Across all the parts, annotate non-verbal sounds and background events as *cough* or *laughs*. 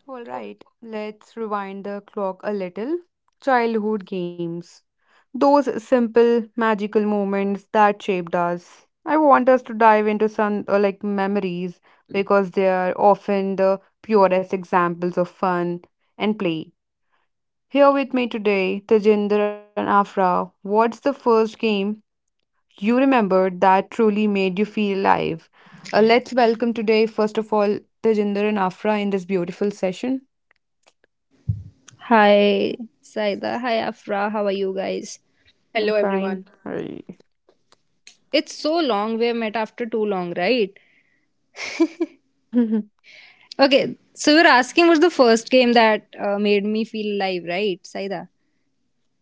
All right, let's rewind the clock a little. Childhood games. Those simple, magical moments that shaped us. I want us to dive into some memories because they are often the purest examples of fun and play. Here with me today, Tejinder and Afra. What's the first game you remembered that truly made you feel alive? Let's welcome today, first of all, Tejinder and Afra in this beautiful session. Hi, Saida. Hi, Afra. How are you guys? I'm Hello, fine. everyone. I- It's so long. We have met after too long, right? *laughs* *laughs* Okay, so you were asking what's the first game that made me feel alive, right, Saida?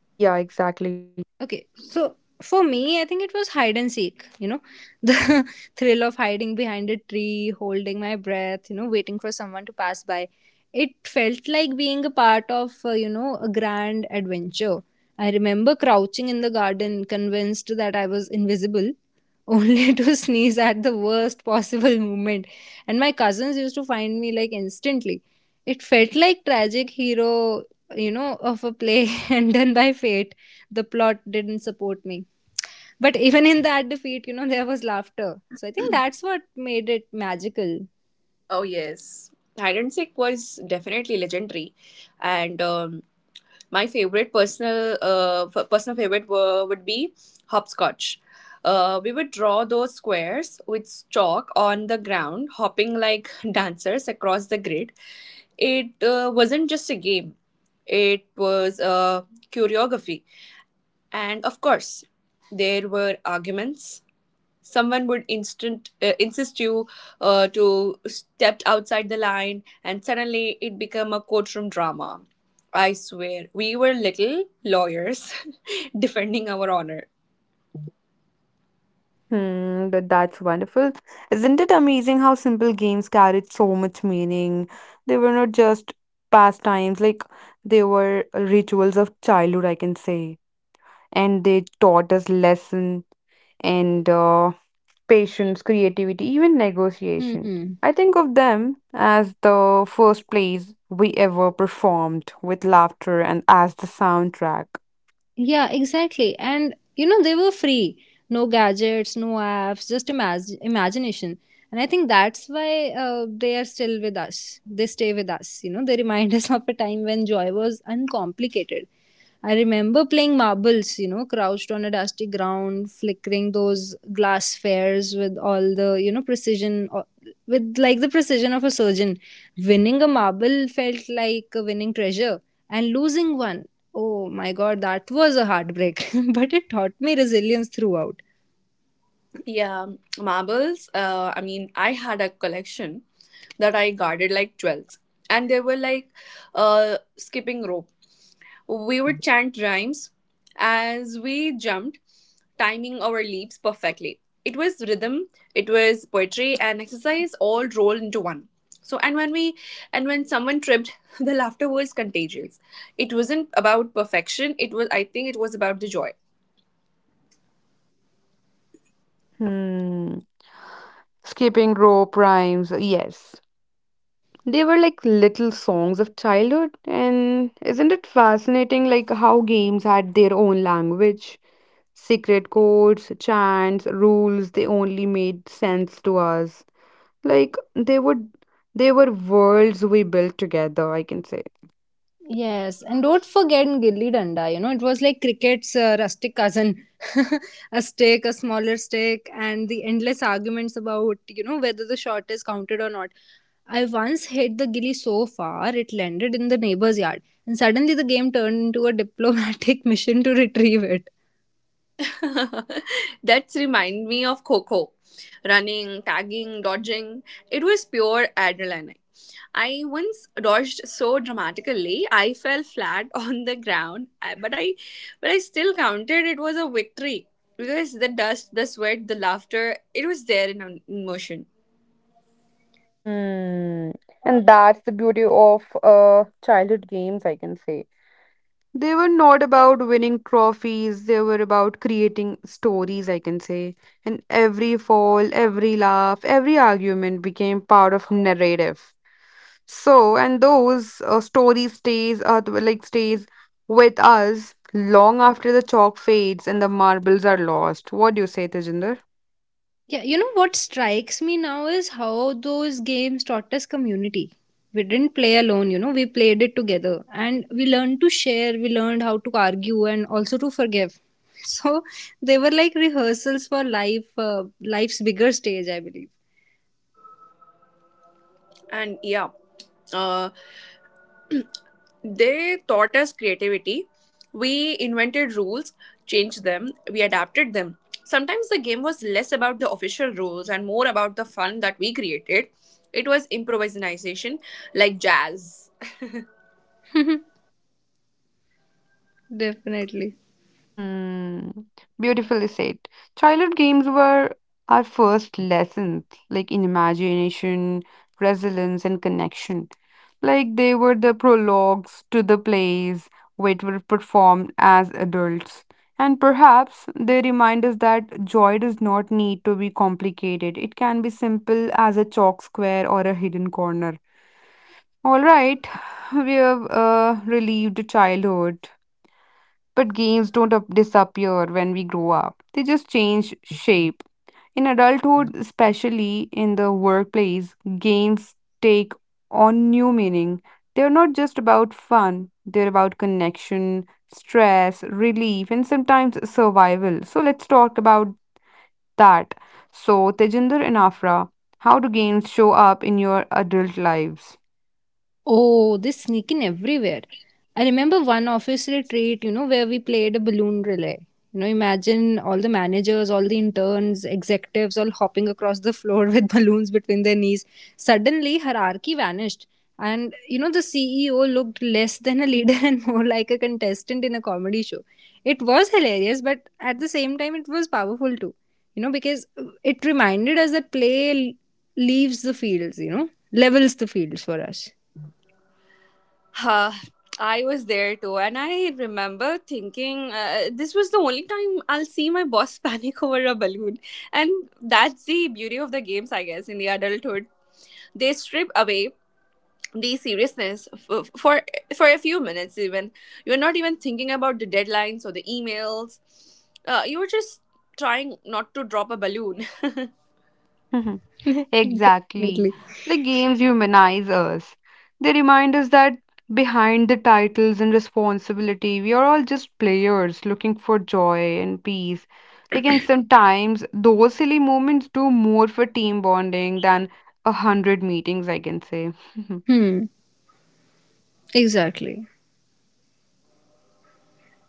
Yeah, exactly. Okay, so for me, I think it was hide and seek, you know, *laughs* the thrill of hiding behind a tree, holding my breath, you know, waiting for someone to pass by. It felt like being a part of, you know, a grand adventure. I remember crouching in the garden, convinced that I was invisible, *laughs* only to sneeze at the worst possible moment. And my cousins used to find me like instantly. It felt like tragic hero, you know, of a play *laughs* and done by fate the plot didn't support me. But even in that defeat, you know, there was laughter. So I think that's what made it magical. Oh, yes. Sick was definitely legendary. And my favorite personal personal favorite would be hopscotch. We would draw those squares with chalk on the ground, hopping like *laughs* dancers across the grid. It wasn't just a game, it was a choreography. And of course, there were arguments, someone would instant insist you to step outside the line, and suddenly it become a courtroom drama. I swear we were little lawyers *laughs* defending our honor. Hmm, but that's wonderful. Isn't it amazing how simple games carried so much meaning? They were not just pastimes, like they were rituals of childhood, I can say. And they taught us lesson and patience, creativity, even negotiation. Hmm. I think of them as the first plays we ever performed with laughter and as the soundtrack. Yeah, exactly. And you know, they were free. No gadgets, no apps, just imagination. And I think that's why they are still with us. They stay with us. You know, they remind *laughs* us of a time when joy was uncomplicated. I remember playing marbles, you know, crouched on a dusty ground, flickering those glass spheres with all the, you know, with like the precision of a surgeon. Winning a marble felt like a winning treasure and losing one, oh my god, that was a heartbreak, *laughs* but it taught me resilience throughout. Yeah, marbles, I mean, I had a collection that I guarded like 12s. And they were like, skipping rope. We would chant rhymes as we jumped, timing our leaps perfectly. It was rhythm, it was poetry and exercise all rolled into one. So and when we and when someone tripped, *laughs* the laughter was contagious. It wasn't about perfection, it was, I think it was about the joy. Hmm. Skipping rope rhymes, yes, they were like little songs of childhood. And isn't it fascinating like how games had their own language, secret codes, chants, rules? They only made sense to us. Like they were worlds we built together, I can say. Yes, and don't forget Gilli Danda, you know, it was like cricket's rustic cousin. *laughs* A stick, a smaller stick, and the endless arguments about, you know, whether the shot is counted or not. I once hit the gilli so far it landed in the neighbor's yard, and suddenly the game turned into a diplomatic *laughs* mission to retrieve it. *laughs* That's remind me of Coco. Running, tagging, dodging. It was pure adrenaline. I once dodged so dramatically I fell flat *laughs* on the ground, but I still counted it was a victory because the dust, the sweat, the laughter, it was there in motion. Hmm. And that's the beauty of uh, childhood games, I can say. They were not about winning trophies, they were about creating stories, I can say. And every fall, every laugh, every argument became part of narrative. So, and those stories stays stays with us long after the chalk fades and the marbles are lost. What do you say, Tejinder? Yeah, you know what strikes me now is how those games taught us community. We didn't play alone, you know, we played it together and we learned to share, we learned how to argue and also to forgive. *laughs* So they were like rehearsals for life, life's bigger stage, I believe. And yeah, uh, they taught us creativity. We invented rules, changed them, we adapted them. Sometimes the game was less about the official rules and more about the fun that we created. It was improvisation, like jazz. *laughs* Definitely. Hmm. Beautifully said. Childhood games were our first lessons, like in imagination, resilience, and connection. Like they were the prologues to the plays which were performed as adults. And perhaps they remind us that joy does not need to be complicated. It can be simple as a chalk square or a hidden corner. All right, we have relieved childhood but games don't up- disappear when we grow up, they just change shape. In adulthood, especially in the workplace, games take on new meaning. They're not just about fun, they're about connection, stress, relief, and sometimes survival. So let's talk about that. So, Tejinder and Afra, how do games show up in your adult lives? Oh, they sneak in everywhere. I remember one office retreat, you know, where we played a balloon relay. You know, imagine all the managers, all the interns, executives all hopping across the floor with *laughs* balloons between their knees. Suddenly, hierarchy vanished. And, you know, the CEO looked less than a leader *laughs* and more like a contestant in a comedy show. It was hilarious, but at the same time, it was powerful too. You know, because it reminded us that play leaves the fields, you know, levels the fields for us. Huh. I was there too, and I remember thinking, this was the only time I'll see my boss *laughs* panic over a balloon. And that's the beauty of the games, I guess, in the adulthood. They strip away the seriousness for a few minutes, even you're not even thinking about the deadlines or the emails. You were just trying not to drop a balloon. *laughs* Exactly. Definitely. The games humanize us. They remind us that behind the titles and responsibility, we are all just players looking for joy and peace. Like, and sometimes those silly moments do more for team bonding than a hundred meetings, I can say. Hmm. Exactly.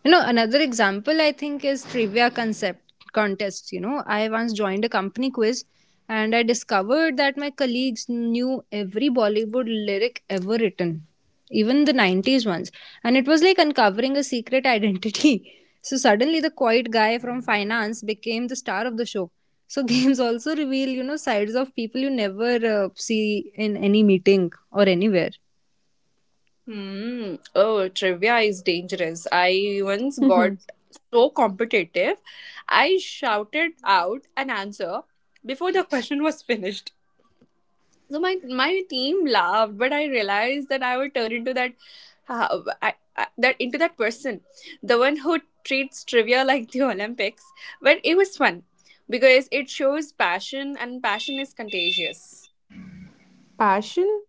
You know, another example I think is trivia concept contests. You know, I once joined a company quiz and I discovered that my colleagues knew every Bollywood lyric ever written, even the 90s ones. And it was like uncovering a secret identity. *laughs* So suddenly the quiet guy from finance became the star of the show. So *laughs* games also reveal, you know, sides of people you never see in any meeting or anywhere. *laughs* Hmm, oh, trivia is dangerous. I once got *laughs* so competitive I shouted out an answer before the *laughs* question was finished. So my team laughed, but I realized that I would turn into that, uh, that into that person, the one who treats trivia like the *laughs* Olympics. But it was fun because it shows passion, and passion is contagious. *laughs* Passion?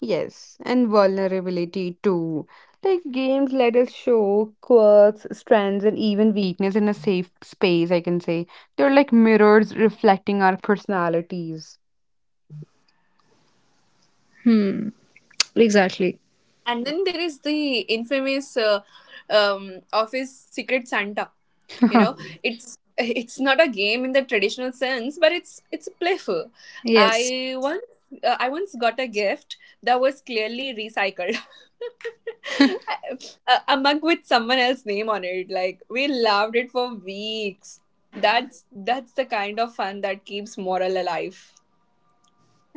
Yes, and vulnerability too. Like games let us show quirks, strengths, and even weakness in a safe space, I can say. They're like mirrors reflecting our personalities. Hmm. Exactly. And then there is the infamous office Secret Santa. You know, *laughs* it's not a game in the traditional sense, but it's playful. Yes. I once got a gift that was clearly recycled. *laughs* A, a mug with someone else's name on it. Like, we loved it for weeks. That's the kind of fun that keeps moral alive.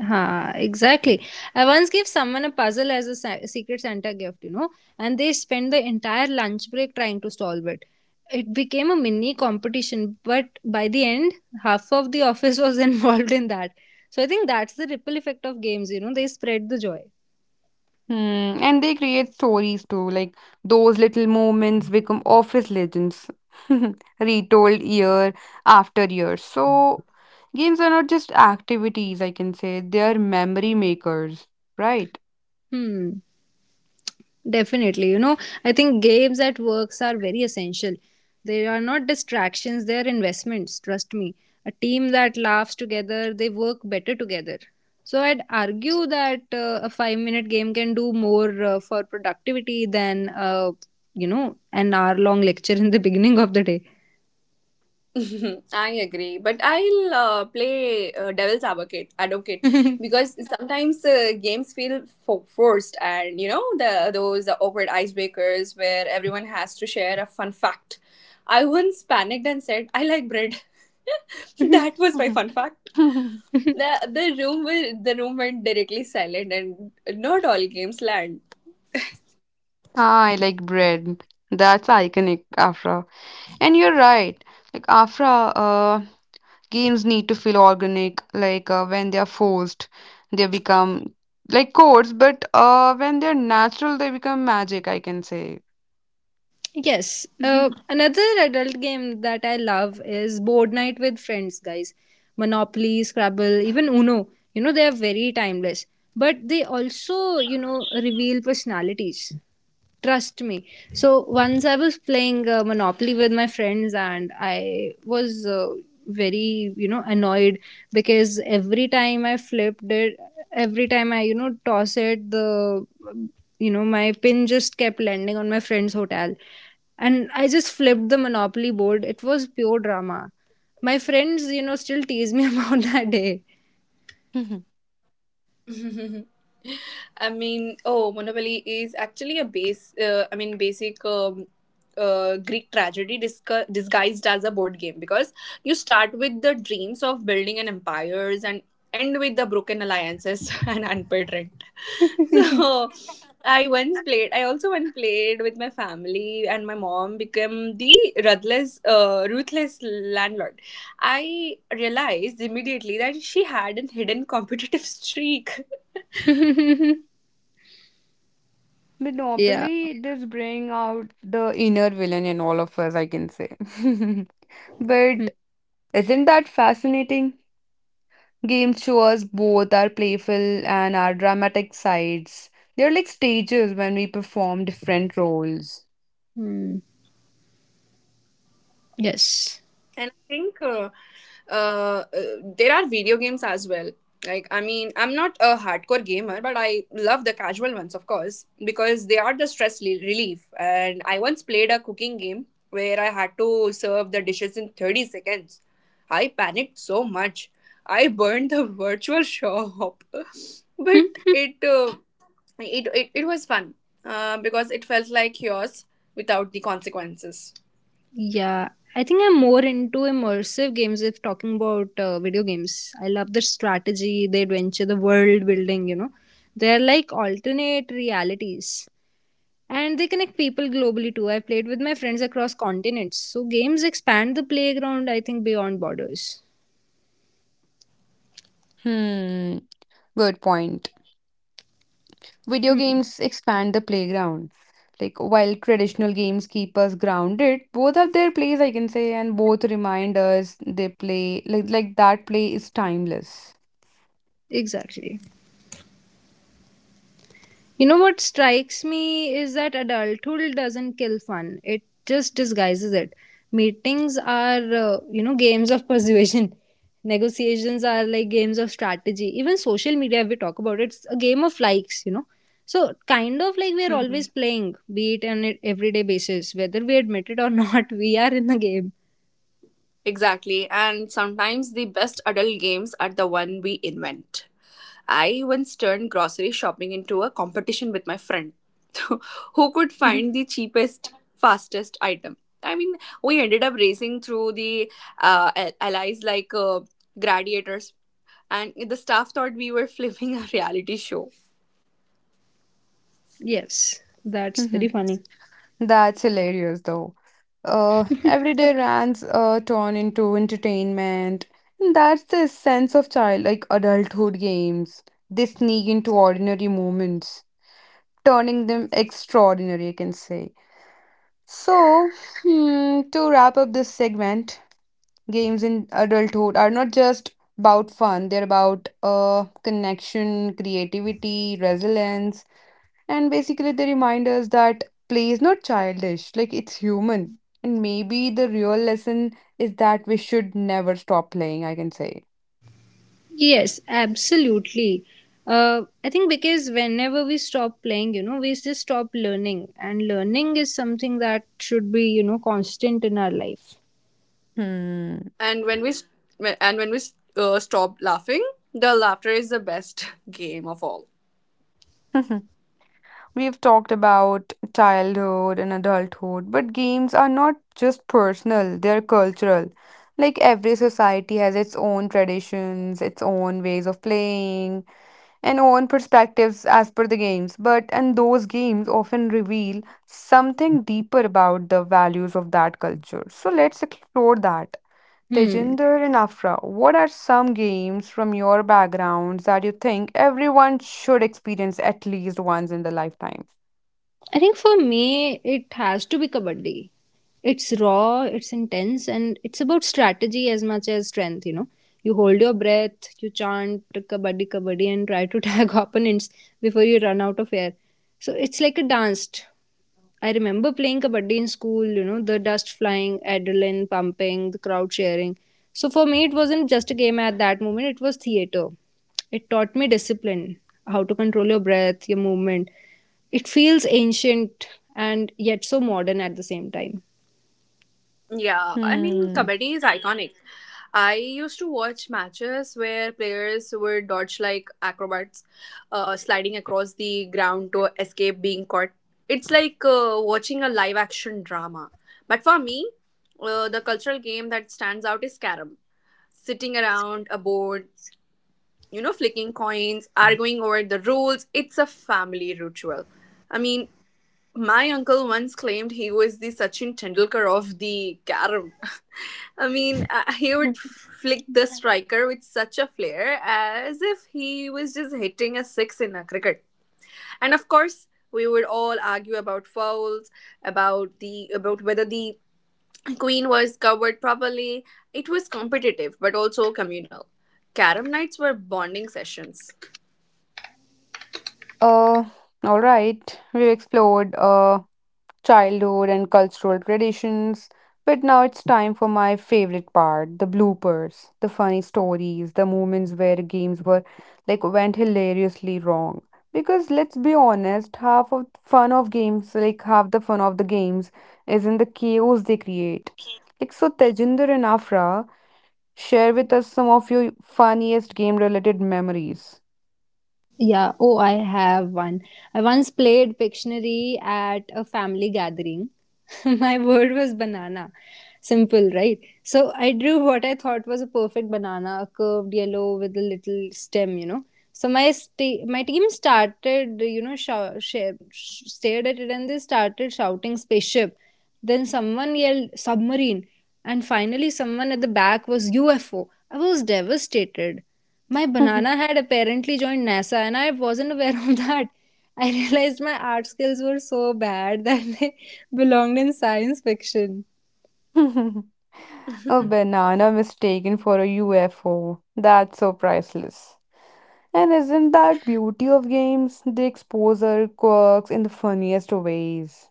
Ha, exactly. I once gave someone a puzzle as a secret Santa gift, you know, and they spent the entire lunch break trying to solve it. It became a mini competition, but by the end, half of the office was *laughs* involved in that. So I think that's the ripple effect of games, you know, they spread the joy. Hmm. And they create stories too, like those little moments become office legends, *laughs* retold year after year. So games are not just activities, I can say. They are memory makers, right? Hmm. Definitely. You know, I think games at works are very essential. They are not distractions, they are investments, trust me. A team that laughs together, they work better together. So I'd argue that a 5-minute minute game can do more for productivity than you know, an hour long lecture in the beginning of the *laughs* I agree, but I'll play devil's advocate, because sometimes games feel forced, and you know the those awkward icebreakers where everyone has to share a fun fact. I once panicked and said, "I like bread." *laughs* day. That was my fun fact. *laughs* *laughs* the the room went directly silent, and not all games land. Ah, I like bread. That's iconic, Afra. And you're right. Like Afra, uh, games need to feel organic. Like when they are forced, they become like codes. But when they're natural, they become magic. I can say. Yes. Another adult game that I love is board night with friends, guys. Monopoly, Scrabble, even Uno. You know, they are very timeless. But they also, you know, reveal personalities. Trust me. So once I was playing Monopoly with my friends and I was very you know annoyed because every time I you know toss it the you know my pin just kept landing on my friend's hotel and I just flipped the monopoly board. It was pure drama. My friends you know still tease me *laughs* about that day. Mhm. I mean, oh, Monopoly is actually a base. I mean, basic, Greek tragedy disguised as a board game, because you start with the dreams of building an empires and end with the broken alliances *laughs* and unpaid rent. *laughs* So I also once played with my family, and my mom became the ruthless landlord. I realized immediately that she had a hidden competitive streak. *laughs* *laughs* Yeah. Monopoly does bring out the inner villain in all of us. I can say. *laughs* But Hmm. isn't that fascinating? Game shows both our playful and our dramatic sides. They're like stages when we perform different roles. Hmm. Yes. And I think uh, uh, there are video games as well. Like, I mean, I'm not a hardcore gamer, but I love the casual ones, of course, because they are the stress relief. And I once played a cooking game where I had to serve the dishes in 30 seconds. I panicked so much. I burned the virtual shop. *laughs* But *laughs* it was fun, because it felt like yours without the consequences. Yeah, I think I'm more into immersive games if talking about video games. I love the strategy, the adventure, the world building, you know. They're like alternate realities. And they connect people globally too. I played with my friends across continents. So games expand the playground, I think, beyond borders. Hmm, good point. Video Hmm, games expand the playground. Like while traditional games keep us grounded, both have their place, I can say, and both remind us they play like that play is timeless. exactly. You know what strikes me is that adulthood doesn't kill fun, it just disguises it. Meetings are, you know, games of persuasion. *laughs* Negotiations are like games of strategy. Even social media, if we talk about it, it's a game of likes, you know. So, kind of like we're always playing, be it on an everyday basis. Whether we admit it or not, *laughs* we are in the game. Exactly, and sometimes the best adult games are the one we invent. I once turned grocery shopping into a competition with my friend, *laughs* who could find *laughs* the cheapest, fastest item. I mean, we ended up racing through the, allies like, gladiators, and the staff thought we were *laughs* filming a reality show. Yes, that's very Mhm. funny. That's hilarious though. Everyday rants turn into entertainment, and that's the sense of child like adulthood games. They sneak into ordinary moments, turning them extraordinary, I can say. So, hmm, to wrap up this segment, games in adulthood are not just about fun, they're about connection, creativity, resilience, and basically they remind us that play is not childish, like it's human. And maybe the real lesson is that we should never stop playing, I can say. Yes, absolutely. I think because whenever we stop playing, you know, we just stop learning, and learning is something that should be, you know, constant in our life. Hmm. And when we stopped laughing, the laughter is the best *laughs* game of all. *laughs* We've talked about childhood and adulthood, but games are not just personal, they're cultural. Like every society has its own traditions, its own ways of playing, and own perspectives as per the games. But and those games often reveal something deeper about the values of that culture, so let's explore that. Hmm. Tejinder and Afra, what are some games from your backgrounds that you think everyone should experience at least once in their lifetime? I think for me, it has to be kabaddi. It's raw, it's intense, and it's about strategy as much as strength, you know. You hold your breath, you chant kabaddi, kabaddi, and try to *laughs* tag opponents before you run out of air. So it's like a dance. I remember playing kabaddi in school, you know, the dust flying, adrenaline pumping, the crowd cheering. So for me, it wasn't just a game at that moment, it was theater. It taught me discipline, how to control your breath, your movement. It feels ancient and yet so modern at the same time. Yeah, I mean, Hmm. comedy is iconic. I used to watch matches where players would dodge like acrobats, sliding across the ground to escape being caught. It's like watching a live action drama. But for me, the cultural game that stands out is Scarab. Sitting around a board, you know, flicking coins, arguing over the rules. It's a family ritual. I mean, my uncle once claimed he was the Sachin Tendulkar of the carom. I mean, he would flick the striker with such a flair as if he was just hitting a six in a cricket. And of course, we would all argue about fouls, about whether the queen was covered properly. It was competitive but also communal. Carom nights were bonding sessions. Uh, all right. We've explored childhood and cultural traditions, but now it's time for my favorite part, the bloopers, the funny stories, the moments where games were like went hilariously wrong. Because let's be honest, half of fun of games, like half the fun of the games, is in the chaos they create. Like so, Tejinder and Afra, share with us some of your funniest game-related memories. Yeah, oh, I have one. I once played Pictionary at a family gathering. *laughs* My word was banana. Simple, right? So I drew what I thought was a perfect banana, a curved yellow with a little stem, you know. So my team started, you know, stared at it and they started shouting spaceship. Then someone yelled submarine, and finally someone at the back was UFO. I was devastated. My banana had apparently joined NASA, and I wasn't aware of that. I realized my art skills were so bad that they *laughs* belonged in science fiction. *laughs* A banana mistaken for a UFO. That's so priceless. And isn't that beauty of games? They expose our quirks in the funniest ways.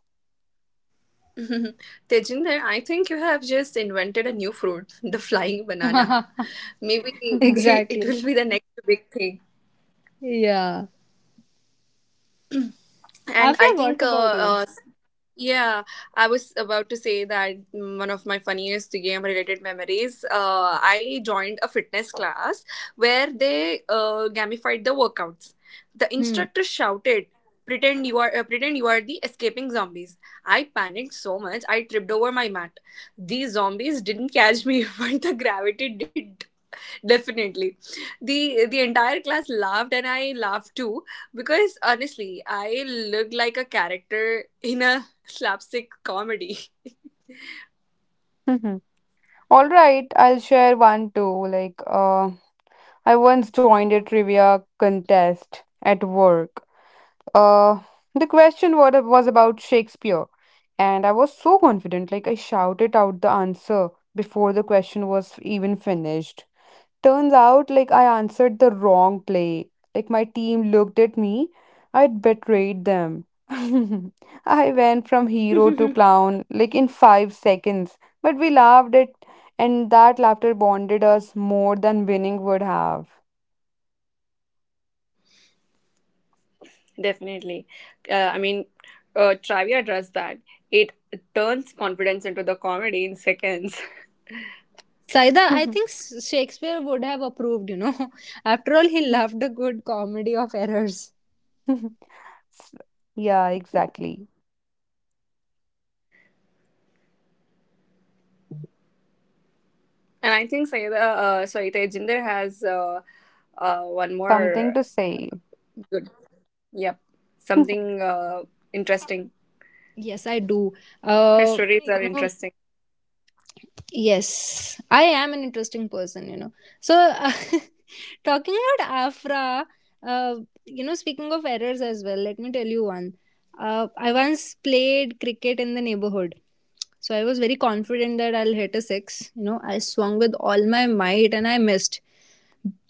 *laughs* Tejinder, I think you have just invented a new fruit, *laughs* the flying banana. *laughs* Maybe *laughs* Mhm, it Exactly. will be the next big thing. Yeah. And Afra, I what think about you? Yeah, I was about to say that, mm, one of my funniest game related memories. I joined a fitness class where they gamified the workouts. The Hmm. instructor shouted, pretend you are the escaping zombies." I panicked so much I tripped over my mat. These zombies didn't catch me, *laughs* but the gravity did. Definitely. The entire class laughed, and I laughed too, because honestly, I looked like a character in a slapstick comedy. mhm. All right, I'll share one too. Like, I once joined a trivia contest at work. Uh, the question what it was about Shakespeare, and I was so confident, like I shouted out the answer before the question was even finished. Turns out, like, I answered the wrong play. Like, my team looked at me. I'd betrayed them. *laughs* I went from hero to *laughs* clown, like, in 5 seconds. But we laughed it, and that laughter bonded us more than winning would have. *laughs* Definitely. I mean, trivia does that. It turns confidence into the comedy in seconds. *laughs* Saida, I think Shakespeare would have approved, you know. *laughs* After all, he loved a *laughs* good comedy of errors. S- yeah, exactly. And I think Sayeda, Tejinder has, one Something more to say. good, yep, *laughs* something, interesting. Yes, I do. Her stories are You know, interesting. yes, I am an interesting person, you know. So, *laughs* talking about Afra, uh, you know, speaking of errors as well, let me tell you one. I once played cricket in the neighborhood. So I was very confident that I'll hit a six. You know, I swung with all my might and I missed.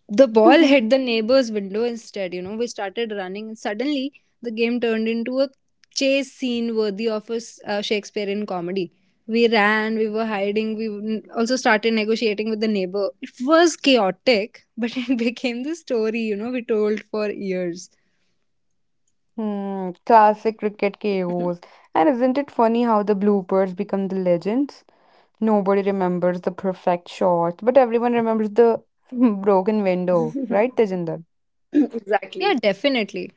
The ball hit the neighbor's window instead. You know, we started running and suddenly the game turned into a chase scene worthy of a Shakespearean comedy. We ran, we were hiding, also started negotiating with the neighbor. It was chaotic, but *laughs* it became the story, you know, we told for years. Hmm, classic cricket *laughs* KOs. And isn't it funny how the bloopers become the legends? Nobody remembers the perfect shot, but everyone remembers the *laughs* broken window, right, Tejinder? Exactly. Yeah, definitely.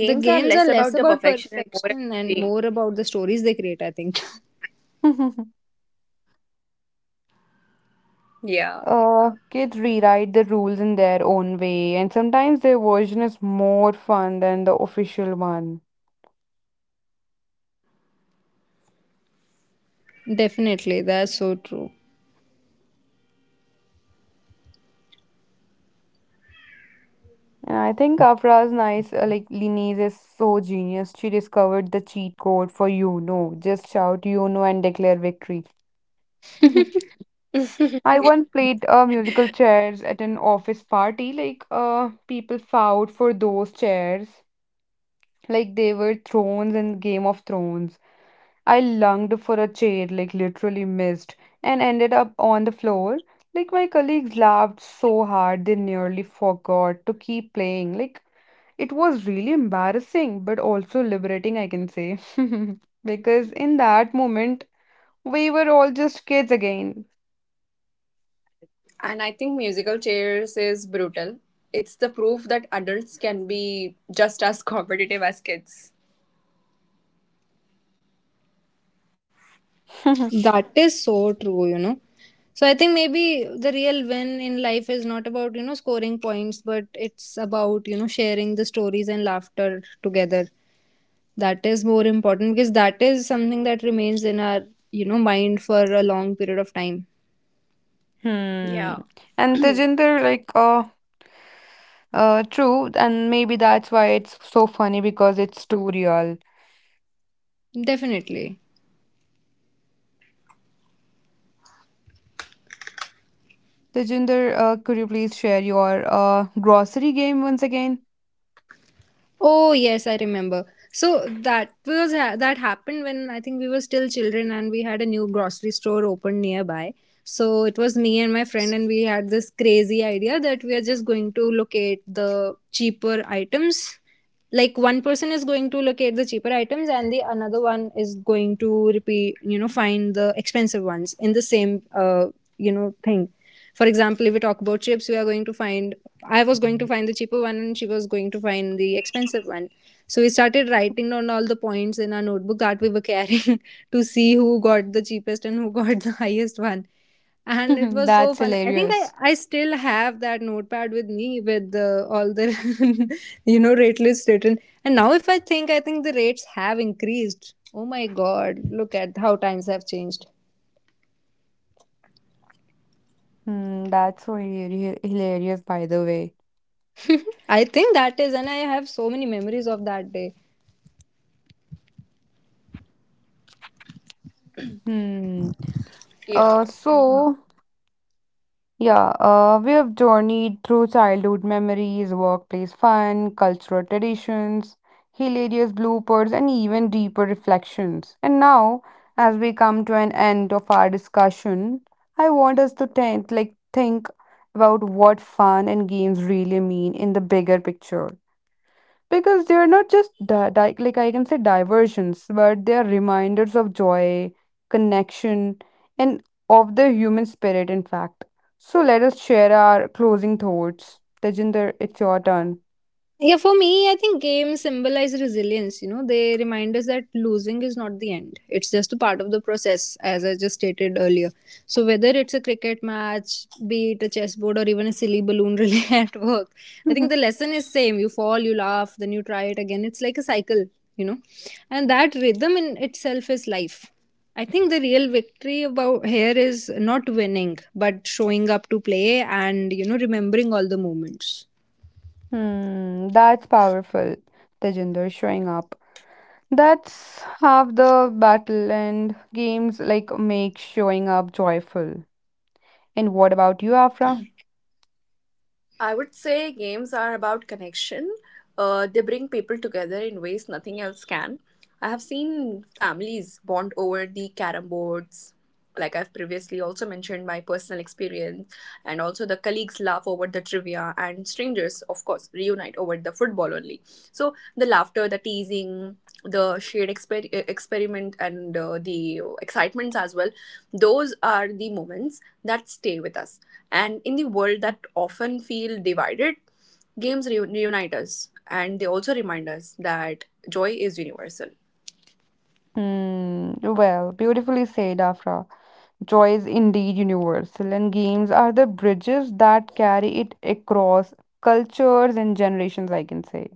The are games are less less about the about perfection and more about perfection and the, more about the stories they create, I think. *laughs* yeah. Kids rewrite the rules in their own way, and sometimes their version is more fun than the official one. *laughs* Definitely, that's so true. And I think *laughs* Afra's nice, Linese is so genius. She discovered the cheat code for, you know. Just shout, you know, and declare victory. *laughs* *laughs* *laughs* And I once played musical chairs at an office party. Like, people fought for those chairs. Like they were thrones in Game of Thrones. I longed for a chair, like literally missed, and ended up on the floor. Like my colleagues laughed so hard they nearly forgot to keep playing. Like it was really embarrassing, but also liberating, I can say. *laughs* Because in that moment, we were all just kids again. I think musical chairs is brutal. It's the proof that adults can be just as competitive as kids. *laughs* That is so true, you know. So I think maybe the real win in life is not about, you know, scoring points, but it's about, you know, sharing the stories and laughter together. That is more important because that is something that remains in our, you know, mind for a long period of time. Hmm. Yeah. And Tejinder, like, true, and maybe that's why it's so funny because it's too real. Definitely. Tejinder, could you please share your grocery game once again? Oh yes, I remember. So that was that happened when I think we were still children and we had a new grocery store open nearby. So it was me and my friend and we had this crazy idea that we are just going to locate the cheaper items. Like one person is going to locate the cheaper items and the another one is going to repeat, you know, find the expensive ones in the same you know thing. For example, if we talk about chips, we are going to find, I was going to find the cheaper one and she was going to find the expensive one. So we started writing down all the points in our notebook that we were carrying *laughs* to see who got the cheapest and who got the *laughs* highest one. And it *laughs* was so That's fun. i think i hilarious. i still have that notepad with me with the, all the *laughs* you know rate lists written. And now if I think I think the rates have increased. Oh my god, look at how times have changed. Hmm, that's so hilar- hilarious, by the way. I think that is, and I have so many memories of that day. Hmm. Yeah. So yeah, we have journeyed through childhood memories, workplace fun, cultural traditions, hilarious bloopers, and even deeper reflections. And now, as we come to an end of our discussion, I want us to think about what fun and games really mean in the bigger picture, because they're not just di- di- like, I can say, diversions, but they are reminders of joy, connection, and of the human spirit, in fact. So let us share our closing thoughts. Tejinder, it's your turn. Yeah, for me, I think games symbolize resilience. You know, they remind us that losing is not the end, it's just a part of the process, as I just stated earlier. So, whether it's a cricket match, be it a chessboard, or even a silly balloon *laughs* relay at work, I think the *laughs* lesson is same. You fall, you laugh, then you try it again. It's like a cycle, you know, and that rhythm in itself is life. I think the real victory about here is not winning, but showing up to play and, you know, remembering all the moments. Hmm, that's powerful. Tejinder, showing up, that's half the battle, and games like make showing up joyful. And what about you, Afra? I would say games are about connection. They bring people together in ways nothing else can. I have seen families bond over the carom boards. Like, I've previously also mentioned, my personal experience, and also the colleagues laugh over the trivia, and strangers, of course, reunite over the football only. So, the laughter, the teasing, the shade experiment, and the excitements as well, those are the moments that stay with us. And in the world that often feel divided, games reunite us, and they also remind us that joy is universal. Hmm, well, beautifully said, Afra. Joy is indeed universal, and games are the bridges that carry it across cultures and generations, I can say.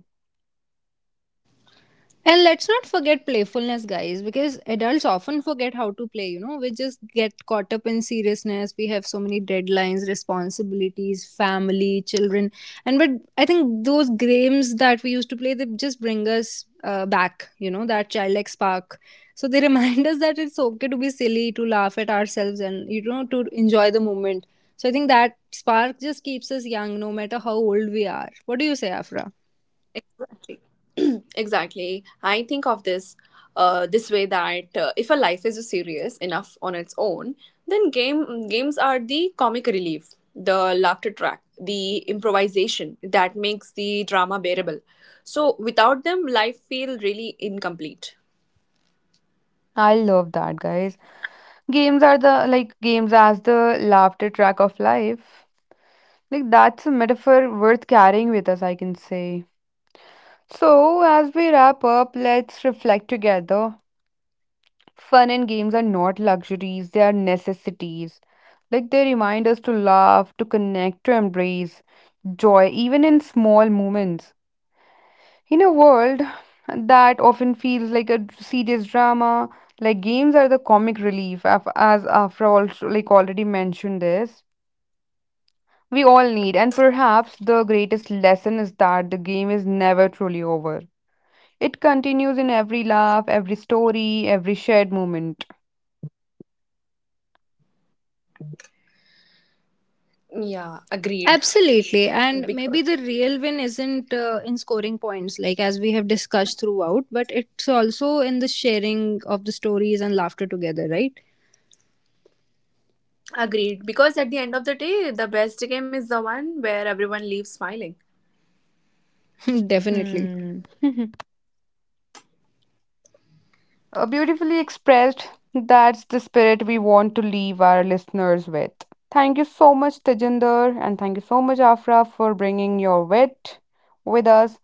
And let's not forget playfulness, guys, because adults often forget how to play. You know, we just get caught up in seriousness. We have so many deadlines, responsibilities, family, children, and but I think those games that we used to play they just bring us back. You know, that childlike spark. So they *laughs* remind us that it's okay to be silly, to laugh at ourselves, and you know, to enjoy the moment. So I think that spark just keeps us young, no matter how old we are. What do you say, Afra? Exactly. *clears throat* Exactly. I think of this this way, that if a life is serious enough on its own, then games are the comic relief, the laughter track, the improvisation that makes the drama bearable. So without them, life feel really incomplete. I love that, guys. Games are the like games as the laughter track of life. Like that's a metaphor worth carrying with us, I can say. So, as we wrap up, let's reflect together. Fun and games are not luxuries, they are necessities. Like they remind us to laugh, to connect, to embrace joy, even in small moments. In a world that often feels like a serious drama, like games are the comic relief, af- as after all, like already mentioned this, we all need. And perhaps the greatest lesson is that the game is never truly over. It continues in every laugh, every story, every shared moment. Yeah, agreed. Absolutely. And maybe Because the real win isn't in scoring points, like as we have discussed throughout, but it's also in the sharing of the stories and laughter together, right? because at the end of the day, the best game is the one where everyone leaves smiling. *laughs* Definitely. Hmm. *laughs* Beautifully expressed. That's the spirit we want to leave our listeners with. Thank you so much, Tajinder, and thank you so much, Afra, for bringing your wit with us,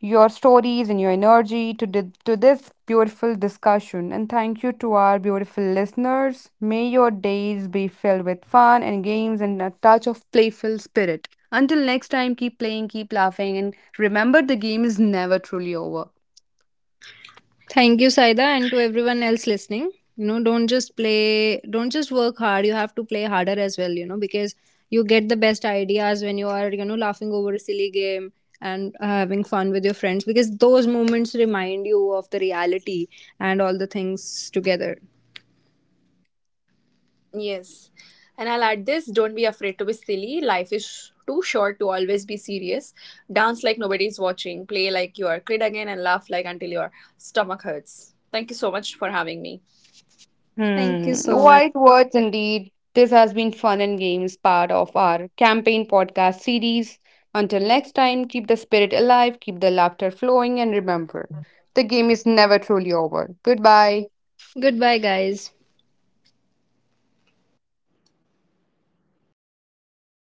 your stories, and your energy to, di- to this beautiful discussion. And thank you to our beautiful listeners. May your days be filled with fun and games and a touch of playful spirit. Until next time, keep playing, keep laughing, and remember the game is never truly over. Thank you, Saida, and to everyone else listening. You know, don't just play, don't just work hard. You have to play harder as well, you know, because you get the best ideas when you are, you know, laughing over a silly game and having fun with your friends because those moments remind you of the reality and all the things together. Yes. And I'll add this, don't be afraid to be silly. Life is too short to always be serious. Dance like nobody's watching, play like you are a kid again, and laugh like until your stomach hurts. Thank you so much for having me. Thank you Hmm. so much. Wise words indeed. This has been fun and games part of our campaign podcast series. Until next time, keep the spirit alive, keep the laughter flowing, and remember, the game is never truly over. Goodbye. Goodbye, guys.